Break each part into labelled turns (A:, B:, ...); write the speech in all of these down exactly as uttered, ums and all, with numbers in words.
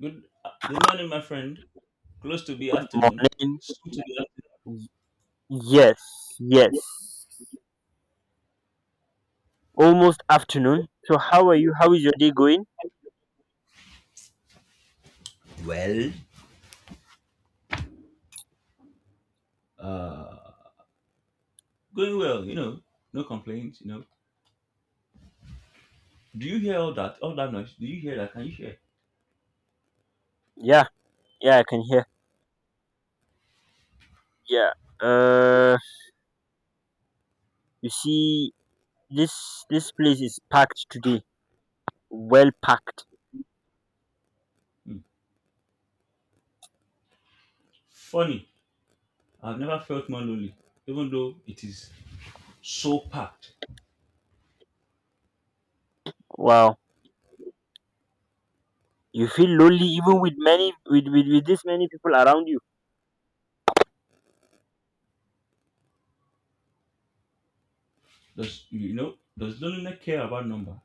A: Good uh, good morning, my friend. Close to be
B: Good
A: afternoon.
B: morning.
A: Soon to be afternoon.
B: Y- Yes, yes. Almost afternoon. So how are you? How is your day going?
A: Uh, Going well, you know. No complaints, you know. Do you hear all that? All that noise? Do you hear that? Can you hear?
B: Yeah, yeah, I can hear. Yeah. Uh, you see, this this place is packed today. Well packed.
A: Hmm. Funny. I've never felt more lonely, even though it is so packed.
B: Wow. You feel lonely even with many with with, with this many people around you.
A: Does you know? Does loneliness care about number?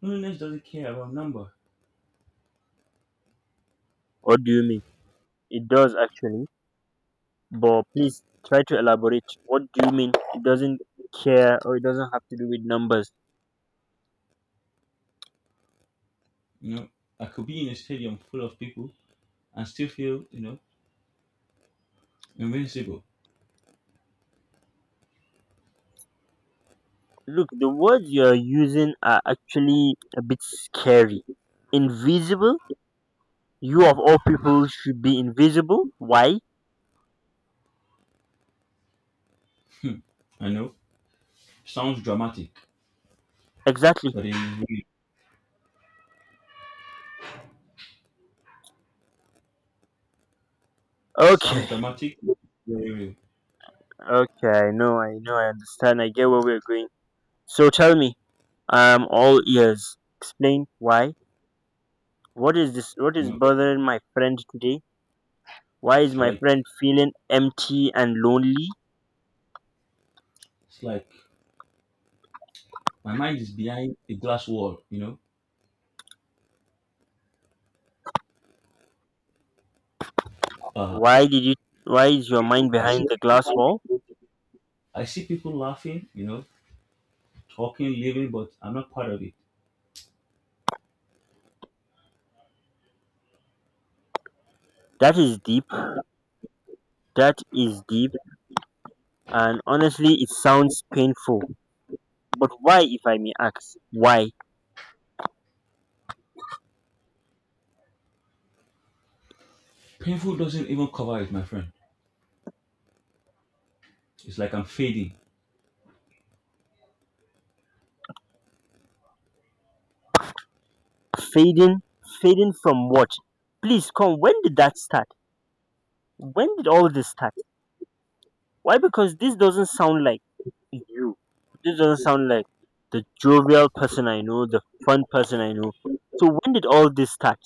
A: Loneliness doesn't care about number.
B: What do you mean? It does actually. But please try to elaborate. What do you mean? It doesn't care, or it doesn't have to do with numbers.
A: You know, I could be in a stadium full of people and still feel you know invincible.
B: Look, the words you're using are actually a bit scary. Invisible? You of all people should be invisible? Why?
A: I know sounds dramatic,
B: Exactly.
A: but it is real.
B: Okay,
A: Sounds dramatic. Very, real,
B: okay, I know, I know, I understand, I get where we're going. So tell me, I'm all ears. Explain why. What is this? What
A: you
B: is
A: know,
B: bothering my friend today? Why is
A: it's
B: my
A: like
B: friend feeling empty and lonely?
A: it's like my mind is behind a glass wall. You know, uh,
B: Why did you? Why is your mind
A: I
B: behind
A: see
B: the glass wall?
A: I see people laughing. You know, talking, living, but I'm not part of it.
B: That is deep. That is deep. And honestly, it sounds painful, but why, if I may ask, why
A: Painful doesn't even cover it, my friend. It's like I'm fading.
B: fading, fading from what? Please come, when did that start? When did all this start? Why? Because this doesn't sound like you. This doesn't sound like the jovial person I know, the fun person I know. So when did all this start?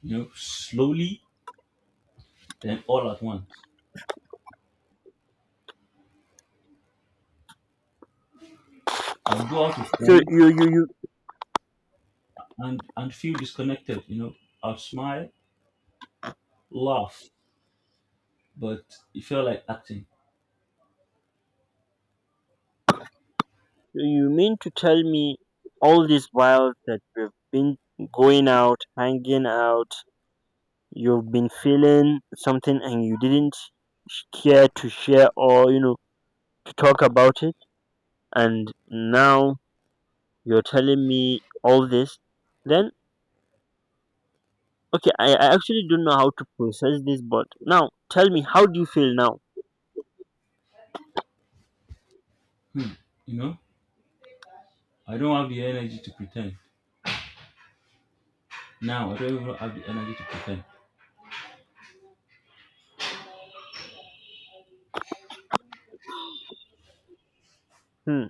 A: You know, slowly, then all at once. I'll go out with
B: so
A: friends
B: you you you
A: and and feel disconnected. You know, I'll smile, laugh, but it felt like acting.
B: you mean to tell me all this while that we've been going out, hanging out, you've been feeling something and you didn't sh- care to share, or you know, to talk about it, and now you're telling me all this? Then okay, i, I actually don't know how to process this, but now tell me, how do you feel now?
A: You know, I don't have the energy to pretend. Now I don't even have the energy to pretend.
B: Hmm.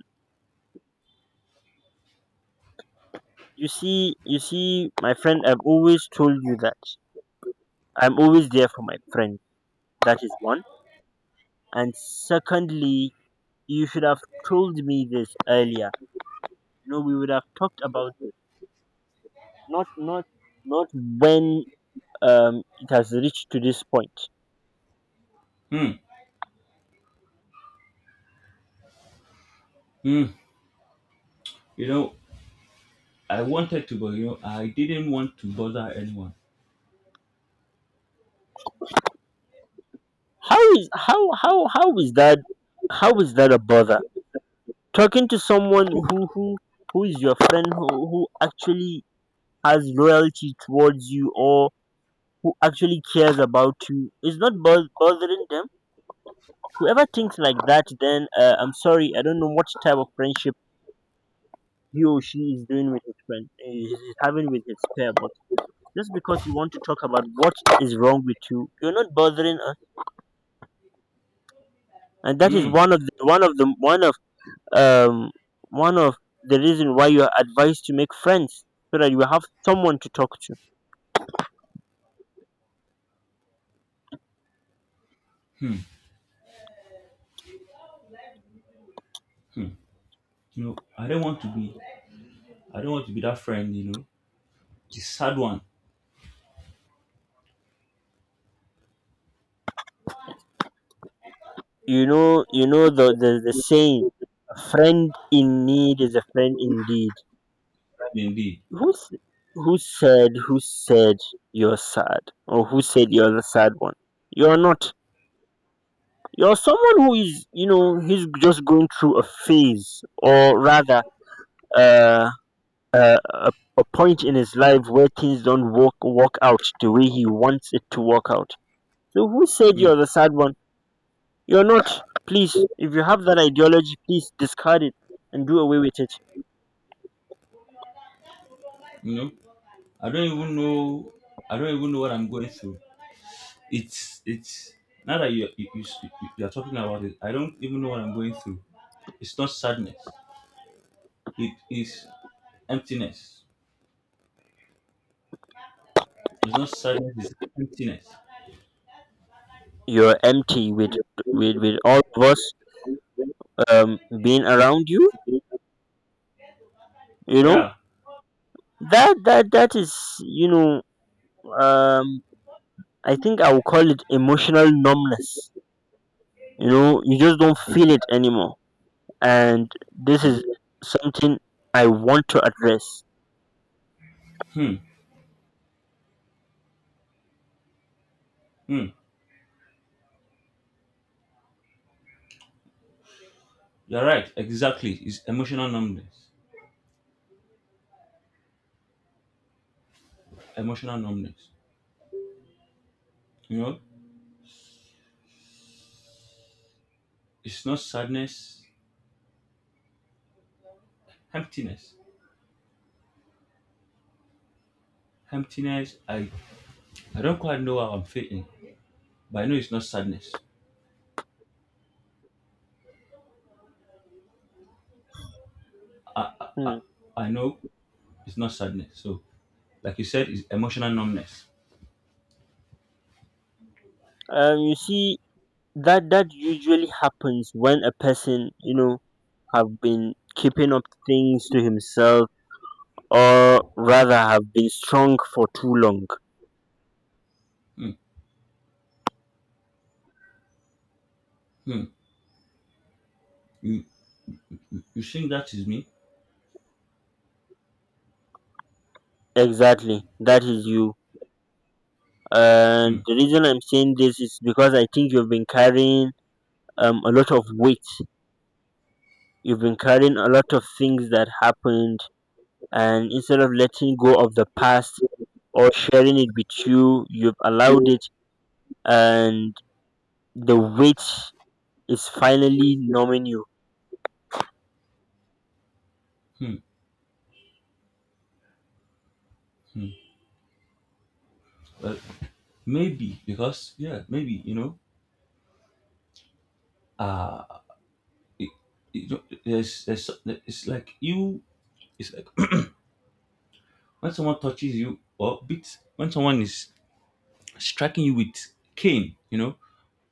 B: You see, you see, my friend, I've always told you that I'm always there for my friend. That is one. And secondly, you should have told me this earlier. You know, we would have talked about this, not not not when um it has reached to this point.
A: Hmm. Mm, you know, I wanted to, but you know, I didn't want to bother anyone.
B: How is how how how is that? How is that a bother? Talking to someone who who who is your friend, who, who actually has loyalty towards you, or who actually cares about you is not bo- bothering them. Whoever thinks like that, then uh, I'm sorry, I don't know what type of friendship he or she is doing with his friend, is having with his pair. But just because you want to talk about what is wrong with you, you're not bothering us. And that is
A: Mm.
B: one of the one of the one of um one of the reason why you are advised to make friends, so that you have someone to talk to.
A: Hmm. You know, I don't want to be, I don't want to be that friend. You know, the sad one,
B: You know, you know, the the, the saying, a friend in need is a friend indeed.
A: right indeed.
B: who's who said who said you're sad, or who said you're the sad one? You're not. You're someone who is, you know, he's just going through a phase, or rather, uh, uh, a, a point in his life where things don't work work out the way he wants it to work out. So who said
A: Mm,
B: you're the sad one? You're not. Please, if you have that ideology, please discard it and do away with it.
A: you know, I don't even know, I don't even know what I'm going through. It's, it's now that you you, you you are talking about it, I don't even know what I'm going through. It's not sadness. It is emptiness. It's not sadness. It's emptiness.
B: You're empty with with with all of us um being around you, you know?
A: Yeah.
B: That that that is, you know, um I think I will call it emotional numbness. You know, you just don't
A: I
B: feel it anymore. And this is
A: do.
B: something I want to address.
A: Hmm. Hmm. You're right. Exactly. It's emotional numbness. Emotional numbness. You know, it's not sadness. Emptiness. Emptiness. I I don't quite know how I'm feeling, but I know it's not sadness.
B: Hmm.
A: I know it's not sadness. So, like you said, it's emotional numbness.
B: um you see, that that usually happens when a person, you know, have been keeping up things to himself, or rather have been strong for too long.
A: Hmm. Hmm. You you think that is me?
B: Exactly, that is you. And
A: Hmm.
B: the reason I'm saying this is because I think you've been carrying um, a lot of weight. You've been carrying a lot of things that happened, and instead of letting go of the past or sharing it with you, you've allowed it, and the weight is finally numbing you.
A: Hmm. Hmm. Well, maybe because yeah, maybe you know. Uh it, it, there's there's it's like you. It's like when someone touches you or beats, when someone is striking you with cane, you know,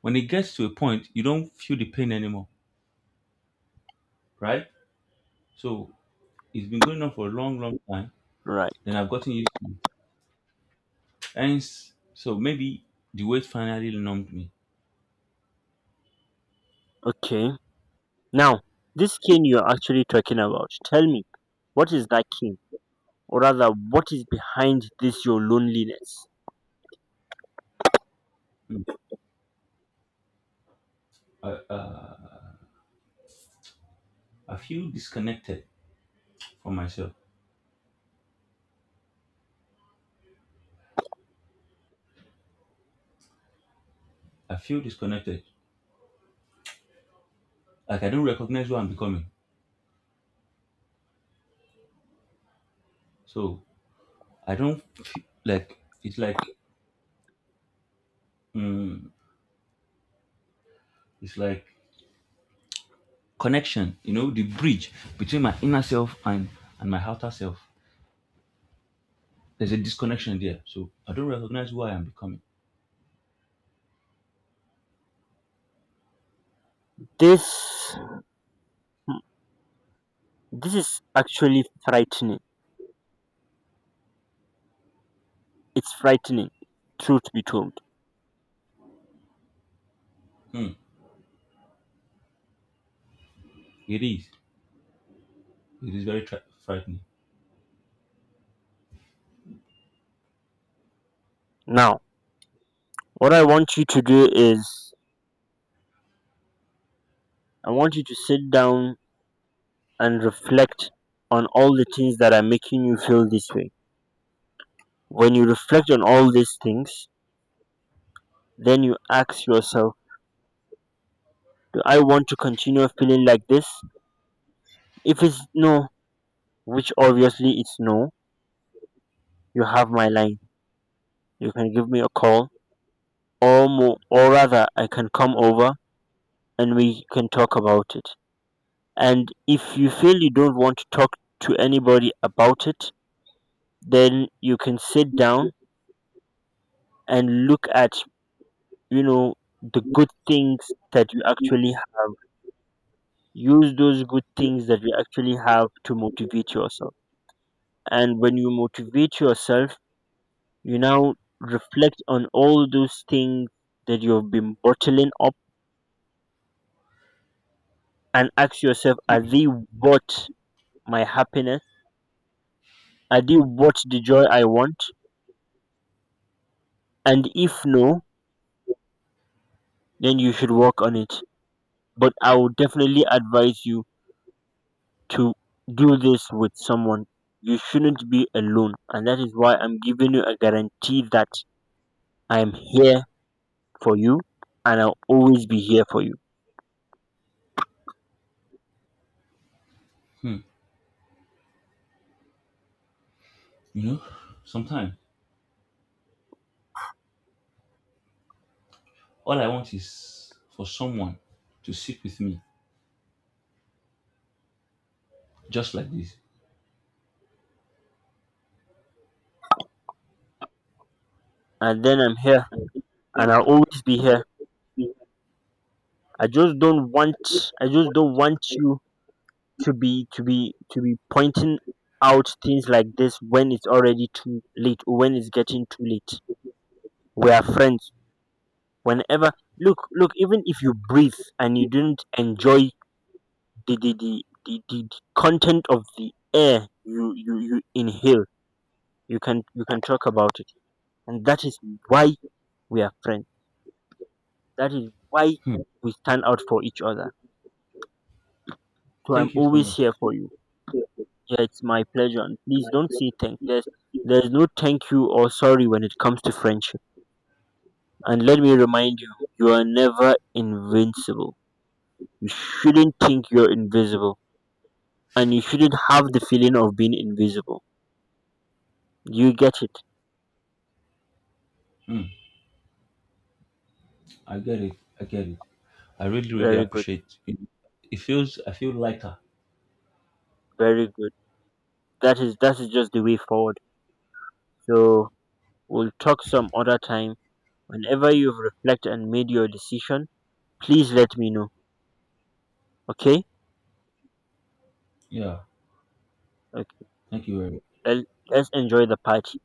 A: when it gets to a point, you don't feel the pain anymore, right? So it's been going on for a long, long time.
B: Right.
A: Then I've gotten used to it. Hence, so maybe the weight finally numbed me.
B: Okay. Now, this cane you're actually talking about, tell me, what is that cane? Or rather, what is behind this your loneliness?
A: Mm. I, uh, I feel disconnected from myself. I feel disconnected. Like I don't recognize who I'm becoming. So I don't feel, like it's like mm, it's like connection, you know, the bridge between my inner self and and my outer self. There's a disconnection there, so I don't recognize who I am becoming.
B: This this is actually frightening. It's frightening, truth be told.
A: Hmm. It is. It is very tri- frightening.
B: Now, what I want you to do is I want you to sit down and reflect on all the things that are making you feel this way. When you reflect on all these things, then you ask yourself, do I want to continue feeling like this? If it's no, which obviously it's no, you have my line. You can give me a call, or more, or rather I can come over and we can talk about it. And if you feel you don't want to talk to anybody about it, then you can sit down and look at, you know, the good things that you actually have. Use those good things that you actually have to motivate yourself. And when you motivate yourself, you now reflect on all those things that you've been bottling up and ask yourself, are they worth my happiness? Are they worth the joy I want? And if no, then you should work on it. But I would definitely advise you to do this with someone. You shouldn't be alone. And that is why I'm giving you a guarantee that I'm here for you and I'll always be here for you.
A: Hmm. You know, sometimes all I want is for someone to sit with me, just like this.
B: And then I'm here and I'll always be here. I just don't want I just don't want you to be to be to be pointing out things like this when it's already too late or when it's getting too late. We are friends whenever. look look, even if you breathe and you didn't enjoy the the the, the, the the content of the air you, you you inhale, you can, you can talk about it. And that is why we are friends, that is why
A: Hmm.
B: we stand out for each other. So I'm
A: Thank you so
B: always
A: much.
B: here for you. Yeah, it's my pleasure. And please don't say thank, there's there's no thank you or sorry when it comes to friendship. And let me remind you, you are never invincible. You shouldn't think you're invisible. And you shouldn't have the feeling of being invisible. You get it.
A: Hmm. I get it. I get it. I really, really
B: Very good.
A: appreciate it. It feels. I feel lighter.
B: Very good. That is that is just the way forward. So we'll talk some other time. Whenever you've reflected and made your decision, please let me know. Okay?
A: Yeah.
B: Okay.
A: Thank you very much.
B: Let- Let's enjoy the party.